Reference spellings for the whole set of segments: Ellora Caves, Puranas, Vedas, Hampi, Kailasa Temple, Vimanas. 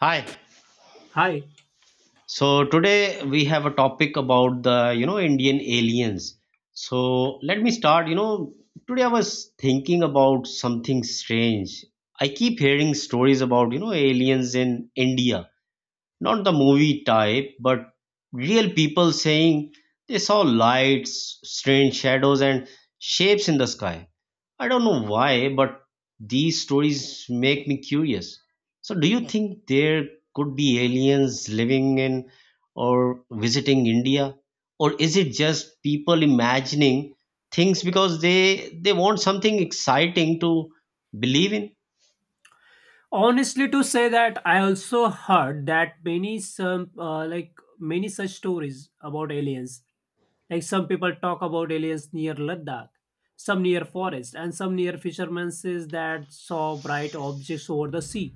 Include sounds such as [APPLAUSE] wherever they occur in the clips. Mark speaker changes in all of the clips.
Speaker 1: Hi.
Speaker 2: Hi.
Speaker 1: So today we have a topic about the Indian aliens. So let me start. Today I was thinking about something strange. I keep hearing stories about aliens in India, not the movie type, but real people saying they saw lights, strange shadows, and shapes in the sky. I don't know why, but these stories make me curious. So, do you think there could be aliens living in or visiting India? Or is it just people imagining things because they want something exciting to believe in?
Speaker 2: Honestly, to say that I also heard that many some like many such stories about aliens. Like some people talk about aliens near Ladakh, some near forest, and some near fishermen says that saw bright objects over the sea.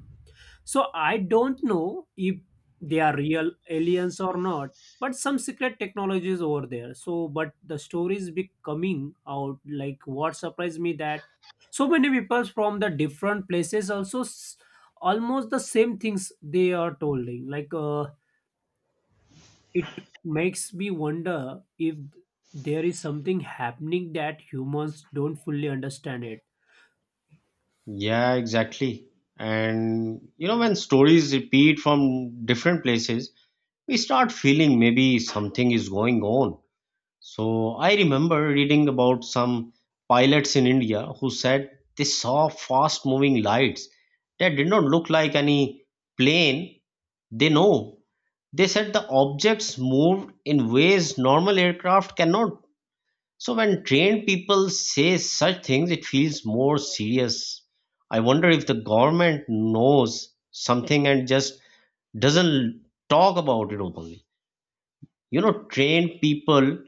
Speaker 2: So I don't know if they are real aliens or not, but some secret technology is over there. So, but the stories be coming out. Like what surprised me that so many people from the different places also almost the same things they are telling. It makes me wonder if there is something happening that humans don't fully understand it.
Speaker 1: Yeah, exactly. And you know, when stories repeat from different places, we start feeling maybe something is going on. So I remember reading about some pilots in India who said they saw fast moving lights that did not look like any plane they know. They said the objects moved in ways normal aircraft cannot. So when trained people say such things, it feels more serious. I wonder if the government knows something and just doesn't talk about it openly. You know, trained people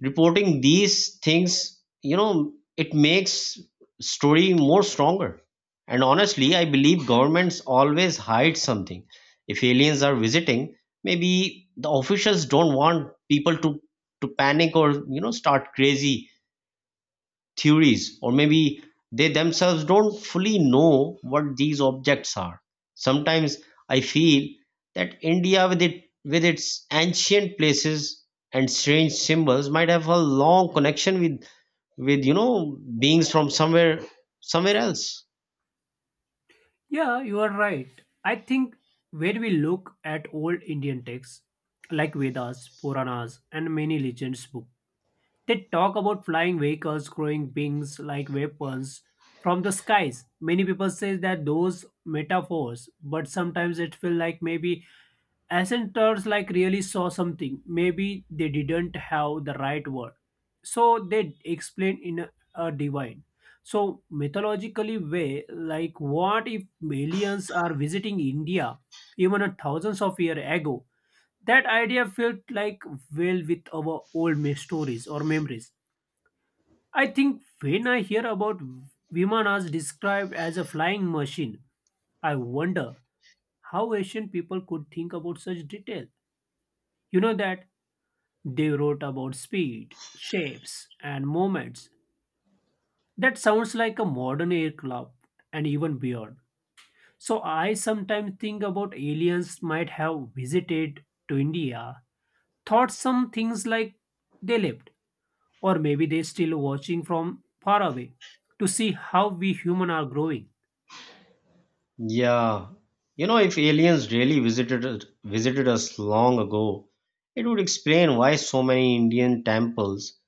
Speaker 1: reporting these things, you know, it makes story more stronger. And honestly, I believe governments always hide something. If aliens are visiting, maybe the officials don't want people to panic or you know start crazy theories, or maybe they themselves don't fully know what these objects are. Sometimes I feel that india with its ancient places and strange symbols might have a long connection with you know beings from somewhere else.
Speaker 2: Yeah, you are right. I think when we look at old Indian texts like Vedas, Puranas, and many legends books, they talk about flying vehicles, growing beings like weapons from the skies. Many people say that those metaphors, but sometimes it feels like maybe Ascentors like really saw something. Maybe they didn't have the right word. So they explain in a divine. So mythologically way, like what if aliens are visiting India even a thousands of year ago? That idea felt like well with our old stories or memories. I think when I hear about Vimanas described as a flying machine, I wonder how Asian people could think about such detail. You know that they wrote about speed, shapes, and movements. That sounds like a modern aircraft and even beyond. So I sometimes think about aliens might have visited to India, thought some things like they left, or maybe they're still watching from far away to see how we human are growing.
Speaker 1: Yeah. You know, if aliens really visited us long ago, it would explain why so many Indian temples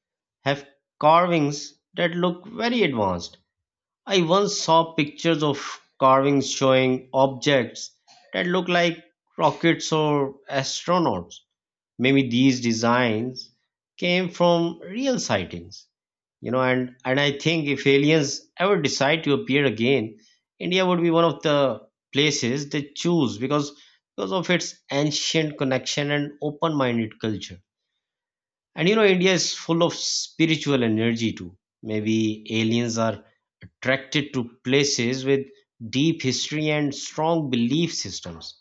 Speaker 1: have carvings that look very advanced. I once saw pictures of carvings showing objects that look like rockets or astronauts. Maybe these designs came from real sightings. You know, and I think if aliens ever decide to appear again, India would be one of the places they choose because of its ancient connection and open-minded culture. And you know, India is full of spiritual energy too. Maybe aliens are attracted to places with deep history and strong belief systems.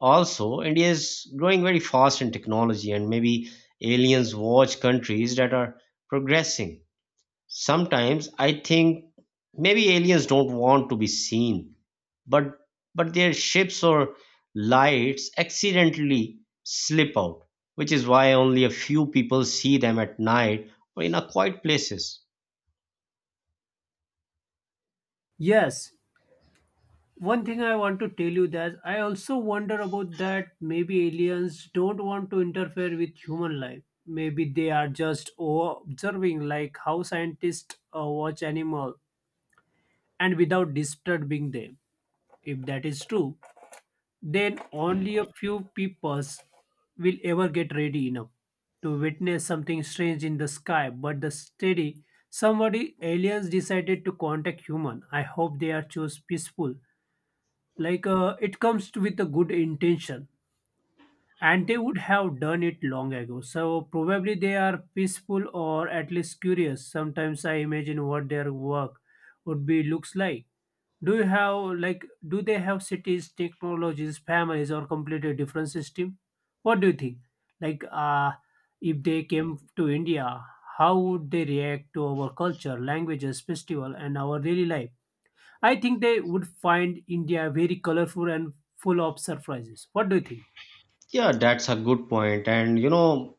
Speaker 1: Also, India is growing very fast in technology, and maybe aliens watch countries that are progressing. Sometimes I think maybe aliens don't want to be seen, but their ships or lights accidentally slip out, which is why only a few people see them at night or in a quiet places.
Speaker 2: Yes, one thing I want to tell you that I also wonder about that maybe aliens don't want to interfere with human life. Maybe they are just observing like how scientists watch animal and without disturbing them. If that is true, then only a few peepers will ever get ready enough to witness something strange in the sky. But the steady somebody aliens decided to contact human. I hope they are chose peaceful. It comes to with a good intention, and they would have done it long ago. So probably they are peaceful or at least curious. Sometimes I imagine what their work would be looks like. Do you have like do they have cities, technologies, families, or completely different system? What do you think? Like uh if they came to India, how would they react to our culture, languages, festival, and our daily life? I think they would find India very colorful and full of surprises. What do you think?
Speaker 1: Yeah, that's a good point. And you know,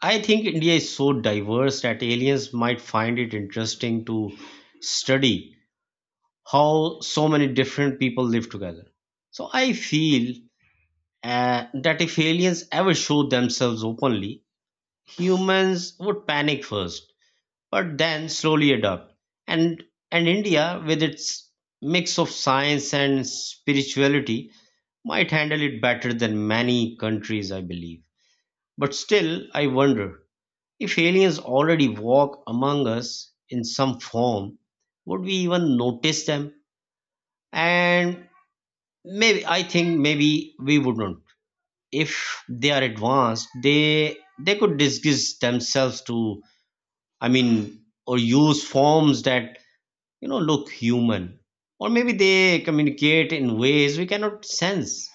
Speaker 1: I think India is so diverse that aliens might find it interesting to study how so many different people live together. So I feel that if aliens ever showed themselves openly, humans would panic first but then slowly adopt. And and India, with its mix of science and spirituality, might handle it better than many countries, I believe. But still, I wonder if aliens already walk among us in some form, would we even notice them? And maybe I think maybe we wouldn't. If they are advanced, they could disguise themselves to I mean or use forms that you know look human, or maybe they communicate in ways we cannot sense.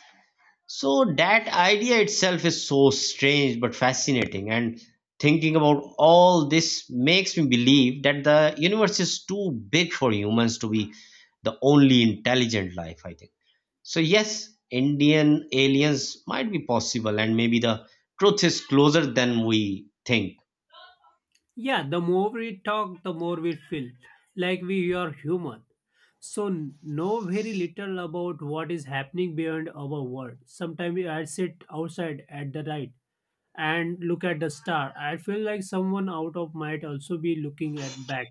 Speaker 1: So that idea itself is so strange but fascinating, and thinking about all this makes me believe that the universe is too big for humans to be the only intelligent life, I think. So yes, Indian aliens might be possible, and maybe the truth is closer than we think.
Speaker 2: Yeah, the more we talk, the more we feel like we are human. So know very little about what is happening beyond our world. Sometimes I sit outside at the night and look at the star. I feel like someone out of might also be looking at back.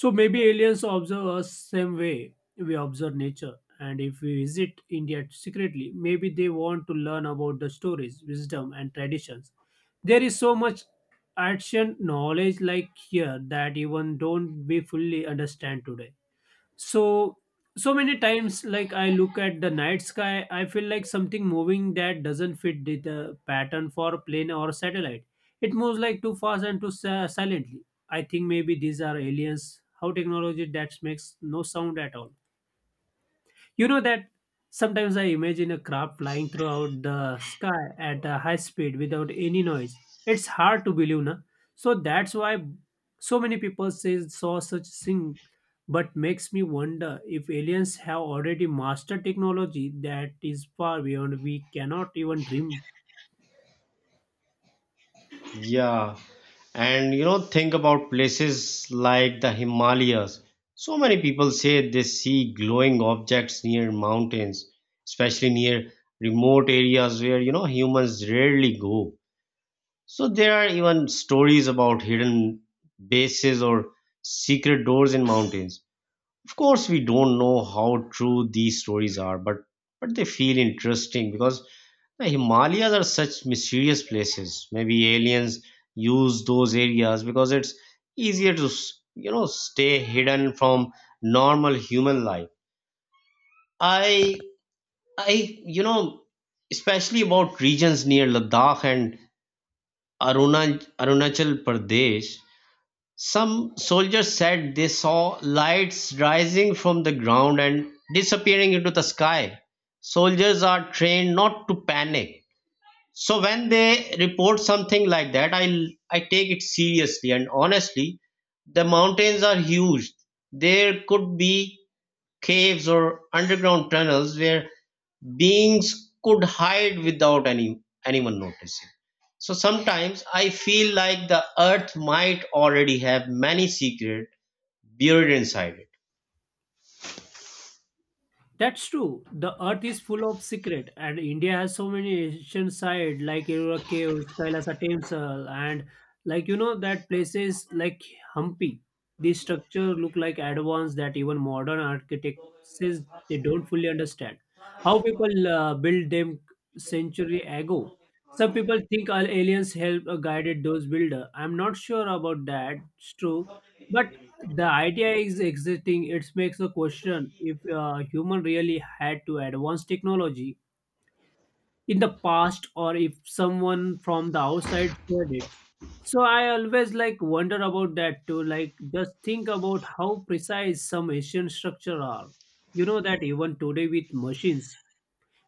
Speaker 2: So maybe aliens observe us same way we observe nature. And if we visit India secretly, maybe they want to learn about the stories, wisdom, and traditions. There is so much ancient knowledge like here that even don't we fully understand today. So so many times like I look at the night sky I feel like something moving that doesn't fit the pattern for a plane or satellite. It moves like too fast and too silently. I think maybe these are aliens how technology that makes no sound at all. You know that sometimes I imagine a craft flying throughout the sky at a high speed without any noise. It's hard to believe, na? So that's why so many people say saw such thing, but makes me wonder if aliens have already mastered technology that is far beyond we cannot even dream.
Speaker 1: Yeah. And you know, think about places like the Himalayas. So many people say they see glowing objects near mountains, especially near remote areas where you know humans rarely go. So there are even stories about hidden bases or secret doors in mountains. Of course, we don't know how true these stories are, but they feel interesting because the Himalayas are such mysterious places. Maybe aliens use those areas because it's easier to, you know, stay hidden from normal human life. I, you know, especially about regions near Ladakh and Arunachal Pradesh. Some soldiers said they saw lights rising from the ground and disappearing into the sky. Soldiers are trained not to panic, so when they report something like that, I take it seriously. And honestly, the mountains are huge. There could be caves or underground tunnels where beings could hide without anyone noticing. So sometimes I feel like the earth might already have many secrets buried inside it.
Speaker 2: That's true. The earth is full of secret, and India has so many ancient sites like Ellora Caves, Kailasa Temple, and like you know that places like Hampi. These structures look like advanced that even modern architects says they don't fully understand how people built them century ago. Some people think all aliens helped or guided those builder. I'm not sure about that. It's true, but the idea is existing it makes a question if human really had to advance technology in the past or if someone from the outside shared it. So I always like wonder about that too. Like just think about how precise some ancient structure are. You know that even today with machines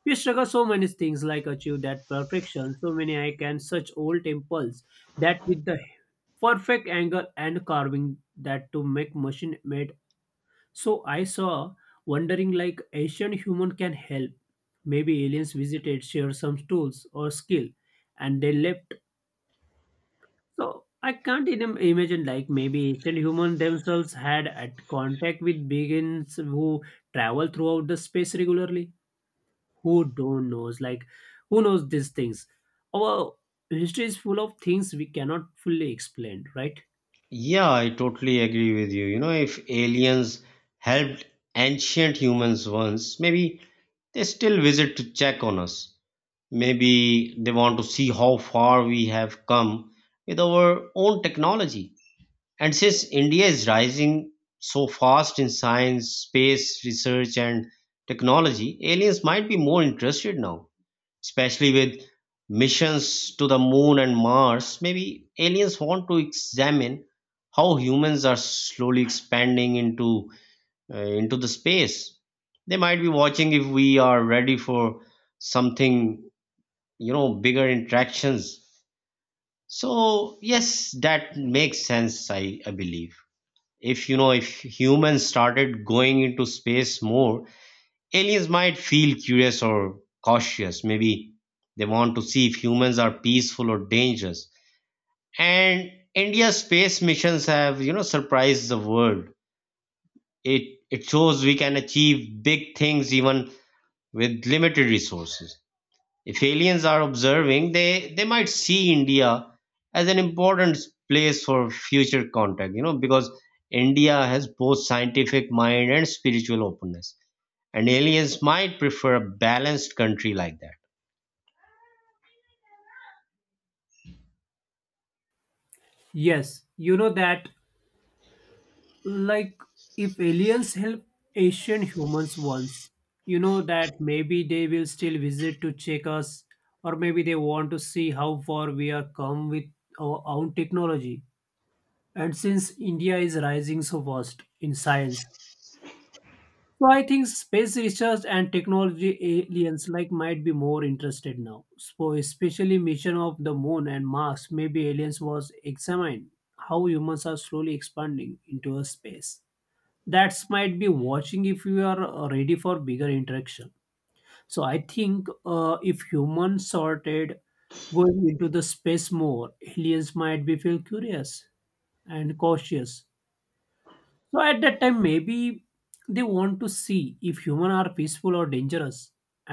Speaker 2: we struggle so many things like achieve that perfection. So many I can such old temples that with the perfect angle and carving that to make machine made. So I saw wondering like Asian human can help. Maybe aliens visited, shared some tools or skill, and they left. So I can't even imagine like maybe Asian human themselves had at contact with beings who travel throughout the space regularly. Who don't knows like who knows these things? Our history is full of things we cannot fully explain, right?
Speaker 1: Yeah, I totally agree with you. You know, if aliens helped ancient humans once, maybe they still visit to check on us. Maybe they want to see how far we have come with our own technology. And since India is rising so fast in science, space research, and technology, aliens might be more interested now, especially with missions to the moon and Mars. Maybe aliens want to examine how humans are slowly expanding into the space. They might be watching if we are ready for something, you know, bigger interactions. So yes, that makes sense. I believe if you know if humans started going into space more, aliens might feel curious or cautious. Maybe they want to see if humans are peaceful or dangerous. And India's space missions have, you know, surprised the world. It shows we can achieve big things even with limited resources. If aliens are observing, they might see India as an important place for future contact, you know, because India has both scientific mind and spiritual openness, and aliens might prefer a balanced country like that.
Speaker 2: Yes, you know that like if aliens help asian humans once, you know that maybe they will still visit to check us, or maybe they want to see how far we are come with our own technology. And since India is rising so fast in science, so I think space research and technology aliens like might be more interested now. So especially mission of the moon and mars, maybe aliens was examined how humans are slowly expanding into a space. That might be watching if you are ready for bigger interaction. So I think if humans started going into the space more, aliens might be feel curious and cautious. So at that time maybe they want to see if humans are peaceful or dangerous.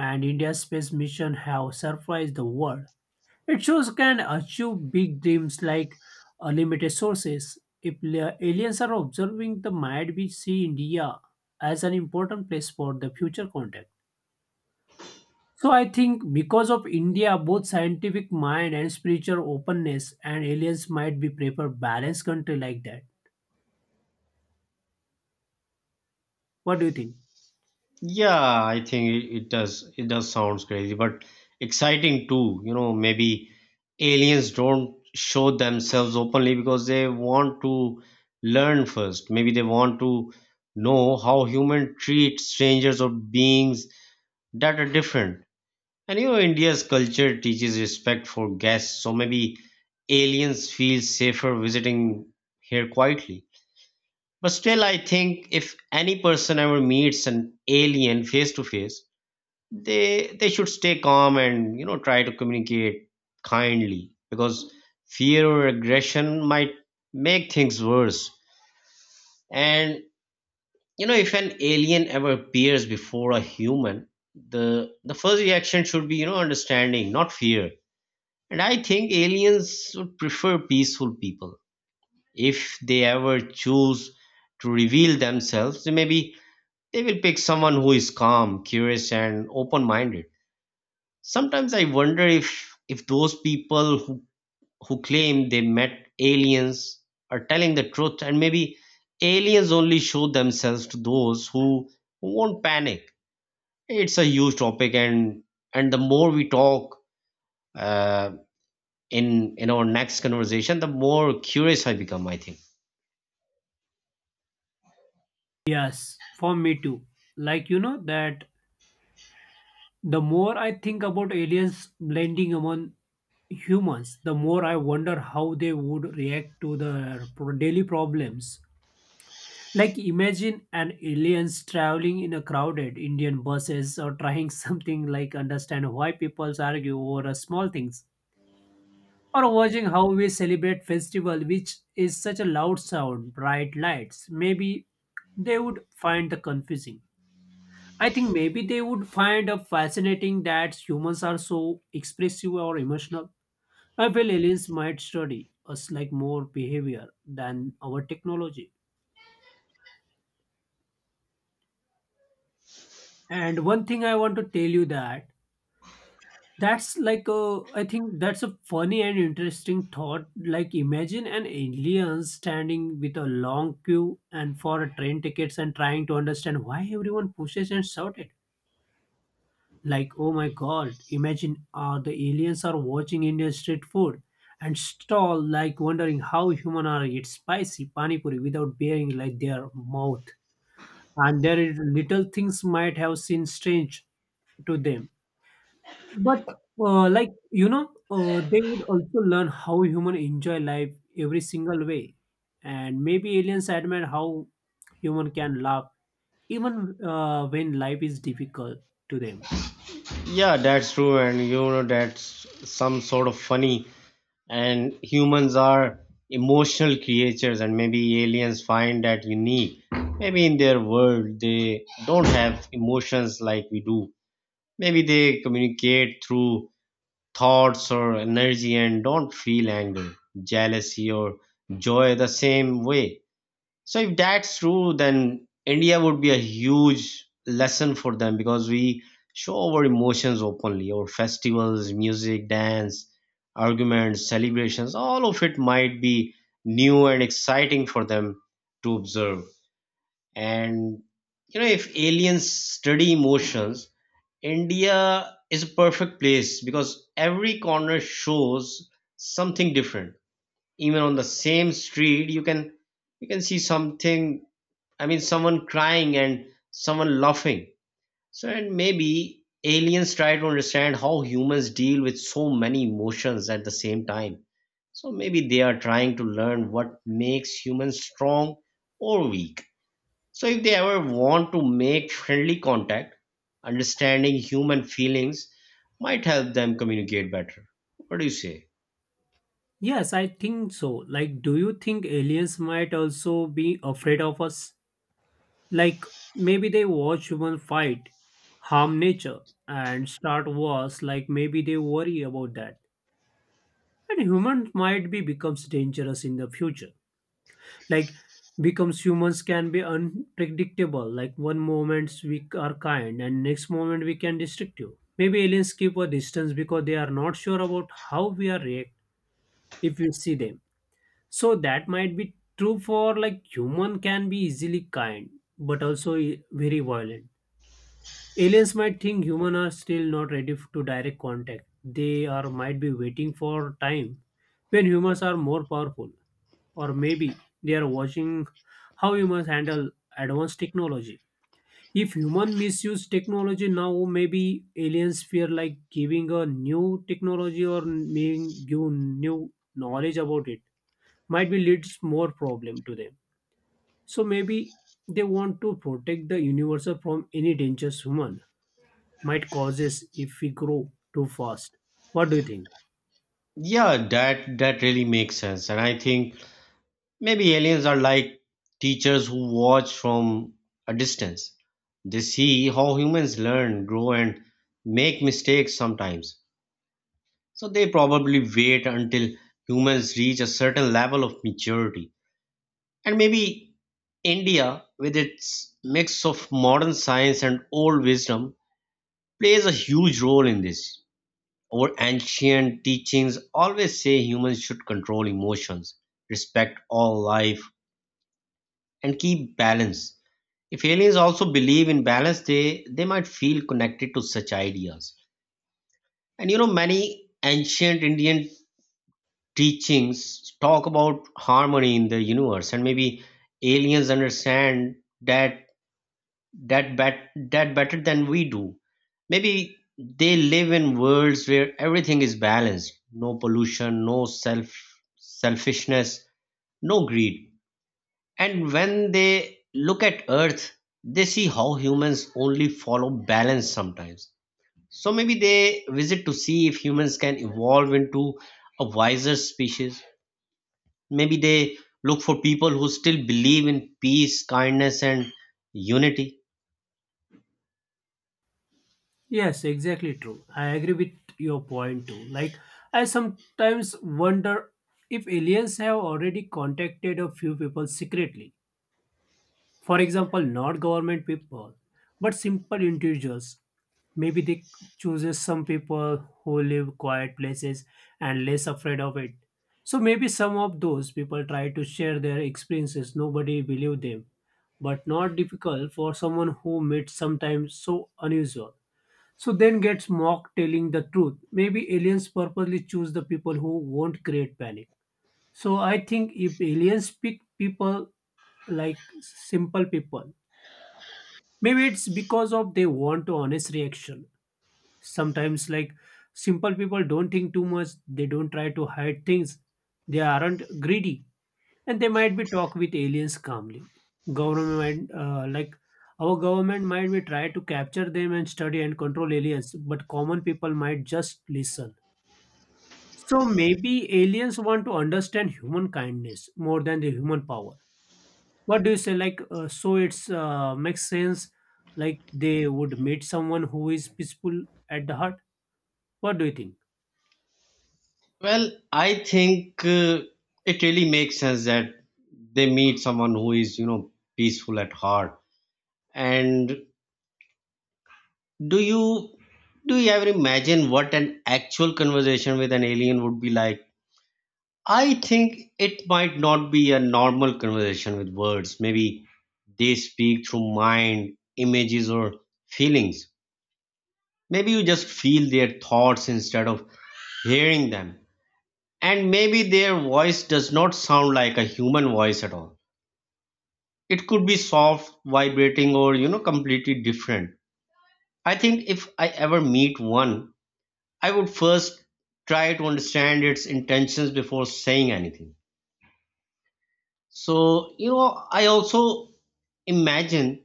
Speaker 2: And India's space mission have surprised the world. It shows can achieve big dreams like unlimited sources. If aliens are observing, the might be see India as an important place for the future contact. So I think because of India, both scientific mind and spiritual openness, and aliens might be prefer balanced country like that. What do you think?
Speaker 1: Yeah, I think it does, it does sounds crazy but exciting too. You know, maybe aliens don't show themselves openly because they want to learn first. Maybe they want to know how human treat strangers or beings that are different. And you know, India's culture teaches respect for guests, so maybe aliens feel safer visiting here quietly. But still, I think if any person ever meets an alien face to face, they should stay calm and you know try to communicate kindly, because fear or aggression might make things worse. And you know, if an alien ever appears before a human, the first reaction should be you know understanding, not fear. And I think aliens would prefer peaceful people if they ever choose to reveal themselves. They may be They will pick someone who is calm, curious, and open-minded. Sometimes I wonder if those people who claim they met aliens are telling the truth, and maybe aliens only show themselves to those who won't panic. It's a huge topic, and the more we talk uh, in our next conversation, the more curious I become, I think.
Speaker 2: Yes, for me too. Like you know that the more I think about aliens blending among humans, the more I wonder how they would react to their daily problems. Like imagine an aliens traveling in a crowded Indian buses or trying [LAUGHS] something like understand why people argue over small things. Or watching how we celebrate festival which is such a loud sound, bright lights. Maybe they would find the confusing. I think maybe they would find it fascinating that humans are so expressive or emotional. I feel aliens might study us like more behavior than our technology. And one thing I want to tell you that that's like a, I think that's a funny and interesting thought. Like imagine an alien standing with a long queue and for a train tickets and trying to understand why everyone pushes and shouted. Like, oh my god, imagine the aliens are watching Indian street food and stall like wondering how human are eat spicy pani puri without bearing like their mouth. And their little things might have seemed strange to them. But like they would also learn how human enjoy life every single way, and maybe aliens admire how human can laugh even when life is difficult to them.
Speaker 1: Yeah, that's true, and you know that's some sort of funny. And humans are emotional creatures, and maybe aliens find that unique. Maybe in their world they don't have emotions like we do. Maybe they communicate through thoughts or energy and don't feel anger, jealousy, or joy the same way. So if that's true, then India would be a huge lesson for them because we show our emotions openly. Our festivals, music, dance, arguments, celebrations, all of it might be new and exciting for them to observe. And you know, if aliens study emotions, India is a perfect place because every corner shows something different. Even on the same street, you can see something, I mean, someone crying and someone laughing. So, and maybe aliens try to understand how humans deal with so many emotions at the same time. So, maybe they are trying to learn what makes humans strong or weak. So, if they ever want to make friendly contact, understanding human feelings might help them communicate better. What do you say?
Speaker 2: Yes, I think so. Like, do you think aliens might also be afraid of us? Like, maybe they watch human fight, harm nature, and start wars. Like, maybe they worry about that. And humans might be becomes dangerous in the future. Like, becomes humans can be unpredictable. Like, one moment we are kind, and next moment we can destructive. Maybe aliens keep a distance because they are not sure about how we are react if we see them. So that might be true for like human can be easily kind, but also very violent. Aliens might think human are still not ready to direct contact. They are might be waiting for time when humans are more powerful, or maybe they are watching how humans handle advanced technology. If human misuse technology now, maybe aliens fear like giving a new technology or being give new knowledge about it might be leads more problem to them. So maybe they want to protect the universe from any dangerous human might causes if we grow too fast. What do you think?
Speaker 1: Yeah, that really makes sense, and I think maybe aliens are like teachers who watch from a distance. They see how humans learn, grow, and make mistakes sometimes. So they probably wait until humans reach a certain level of maturity. And maybe India, with its mix of modern science and old wisdom, plays a huge role in this. Our ancient teachings always say humans should control emotions, respect all life, and keep balance. If aliens also believe in balance, they might feel connected to such ideas. And you know, many ancient Indian teachings talk about harmony in the universe, and maybe aliens understand that that better than we do. Maybe they live in worlds where everything is balanced, no pollution, selfishness, no greed. And when they look at Earth, they see how humans only follow balance sometimes. So maybe they visit to see if humans can evolve into a wiser species. Maybe they look for people who still believe in peace, kindness, and unity.
Speaker 2: Yes, exactly true. I agree with your point too. Like I sometimes wonder if aliens have already contacted a few people secretly. For example, not government people, but simple individuals. Maybe they chooses some people who live quiet places and less afraid of it. So maybe some of those people try to share their experiences. Nobody believe them, but not difficult for someone who meets sometimes so unusual. So then gets mocked telling the truth. Maybe aliens purposely choose the people who won't create panic. So I think if aliens pick people like simple people, maybe it's because of they want a honest reaction. Sometimes like simple people don't think too much, they don't try to hide things, they aren't greedy, and they might be talk with aliens calmly. Government like our government might be try to capture them and study and control aliens, but common people might just listen. So maybe aliens want to understand human kindness more than the human power. What do you say, like so it's makes sense, like they would meet someone who is peaceful at the heart. What do you think?
Speaker 1: Well, I think it really makes sense that they meet someone who is, you know, peaceful at heart. And do you do you ever imagine what an actual conversation with an alien would be like? I think it might not be a normal conversation with words. Maybe they speak through mind, images, or feelings. Maybe you just feel their thoughts instead of hearing them. And maybe their voice does not sound like a human voice at all. It could be soft, vibrating, or you know, completely different. I think if I ever meet one, I would first try to understand its intentions before saying anything. So, you know, I also imagine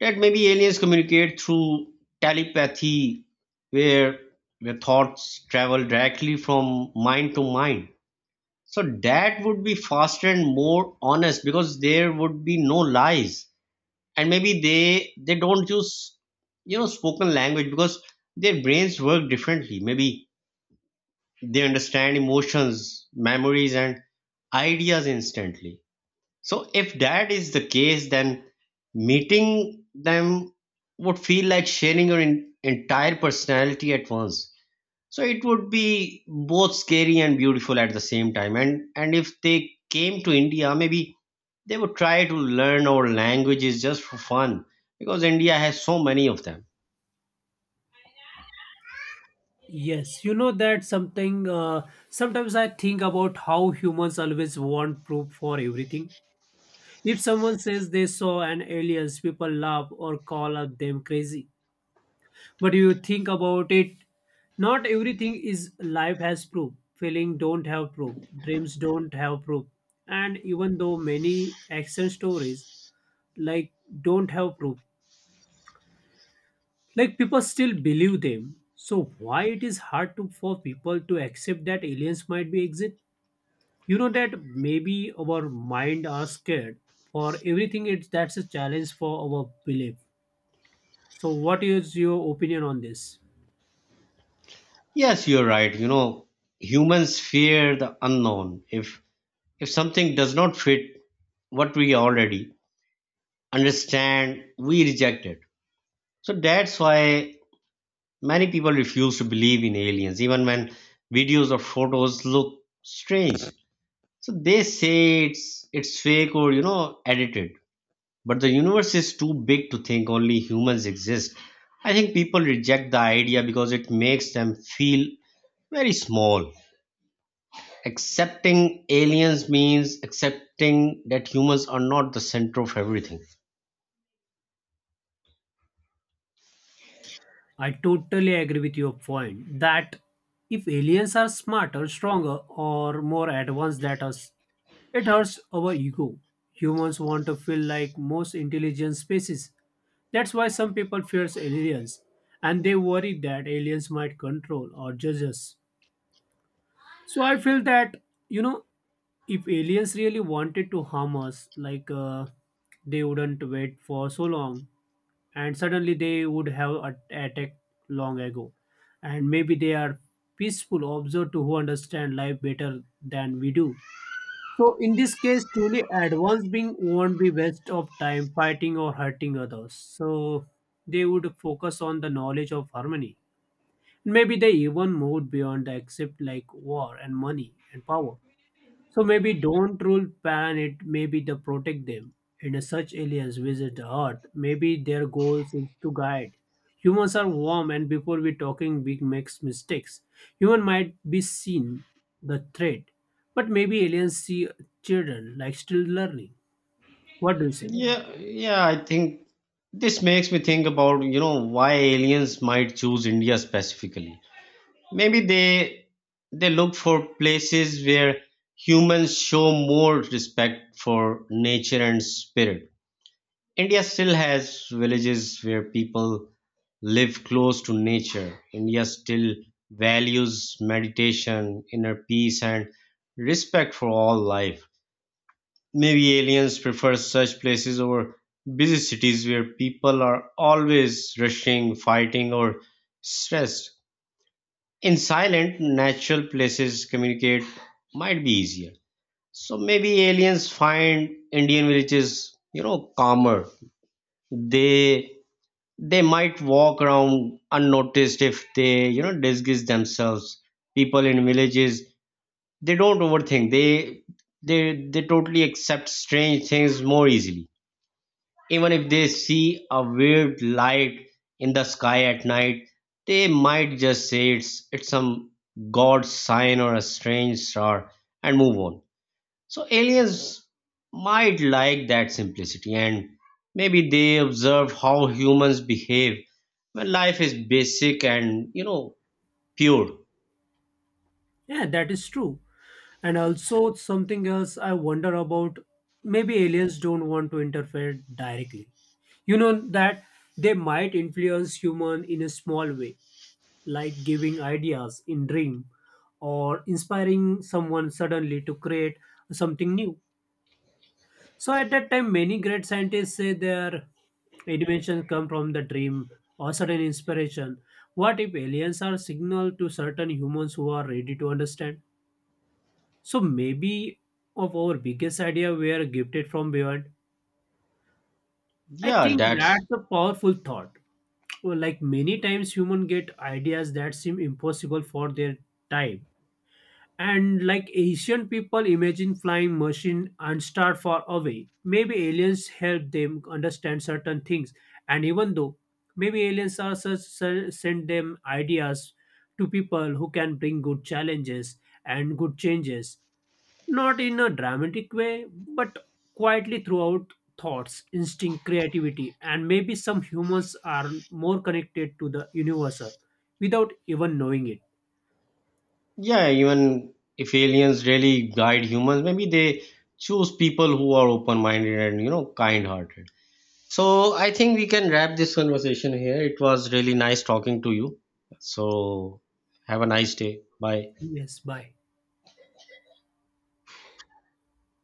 Speaker 1: that maybe aliens communicate through telepathy, where their thoughts travel directly from mind to mind. So that would be faster and more honest because there would be no lies. And maybe they don't use you know spoken language because their brains work differently. Maybe they understand emotions, memories, and ideas instantly. So, if that is the case, then meeting them would feel like sharing your entire personality at once. So, it would be both scary and beautiful at the same time. And if they came to India, maybe they would try to learn our languages just for fun because India has so many of them.
Speaker 2: Yes, you know that something, sometimes I think about how humans always want proof for everything. If someone says they saw an aliens, people laugh or call out them crazy. But you think about it, not everything is life has proof. Feeling don't have proof, dreams don't have proof, and even though many action stories like don't have proof, like people still believe them. So why it is hard to for people to accept that aliens might be exist? You know that maybe our mind are scared for everything, it's that's a challenge for our belief. So what is your opinion on this?
Speaker 1: Yes, you're right. You know, humans fear the unknown. If something does not fit what we already understand, we reject it. So that's why many people refuse to believe in aliens, even when videos or photos look strange. So they say it's fake or you know edited. But the universe is too big to think only humans exist. I think people reject the idea because it makes them feel very small. Accepting aliens means accepting that humans are not the center of everything.
Speaker 2: I totally agree with your point that if aliens are smarter, stronger, or more advanced than us, it hurts our ego. Humans want to feel like most intelligent species. That's why some people fears aliens and they worry that aliens might control or judge us. So I feel that, you know, if aliens really wanted to harm us, like they wouldn't wait for so long, and suddenly they would have attacked long ago. And maybe they are peaceful observers who understand life better than we do. So in this case, truly advanced being won't be waste of time fighting or hurting others. So they would focus on the knowledge of harmony. Maybe they even moved beyond the accept like war and money and power. So maybe don't rule pan it, maybe the protect them. And as such aliens visit the Earth, maybe their goals is to guide. Humans are warm and before we talking big makes mistakes. Human might be seen the threat, but maybe aliens see children like still learning. What do you say?
Speaker 1: Yeah, yeah, I think this makes me think about, you know, why aliens might choose India specifically. Maybe they look for places where humans show more respect for nature and spirit. India still has villages where people live close to nature. India still values meditation, inner peace, and respect for all life. Maybe aliens prefer such places over busy cities where people are always rushing, fighting, or stressed. In silent, natural places, communicate might be easier. So maybe aliens find Indian villages, you know, calmer. They they might walk around unnoticed if they, you know, disguise themselves. People in villages, they don't overthink. They totally accept strange things more easily. Even if they see a weird light in the sky at night, they might just say it's some god sign or a strange star and move on. So aliens might like that simplicity, and maybe they observe how humans behave when life is basic and you know pure.
Speaker 2: Yeah, that is true. And also something else I wonder about, maybe aliens don't want to interfere directly. You know that they might influence human in a small way, like giving ideas in dream or inspiring someone suddenly to create something new. So at that time many great scientists say their inventions come from the dream or sudden inspiration. What if aliens are signal to certain humans who are ready to understand? So maybe of our biggest idea were gifted from beyond. I
Speaker 1: Yeah,
Speaker 2: think
Speaker 1: that's
Speaker 2: that's a powerful thought. Well, like many times human get ideas that seem impossible for their time. And like Asian people imagine flying machine and start far away. Maybe aliens help them understand certain things. And even though maybe aliens are such send them ideas to people who can bring good challenges and good changes, not in a dramatic way, but quietly throughout thoughts, instinct, creativity, and maybe some humans are more connected to the universal without even knowing it.
Speaker 1: yeah, even if aliens really guide humans, maybe they choose people who are open minded and you know kind hearted. So I think we can wrap this conversation here. It was really nice talking to you. So have a nice day. Bye.
Speaker 2: Yes, bye.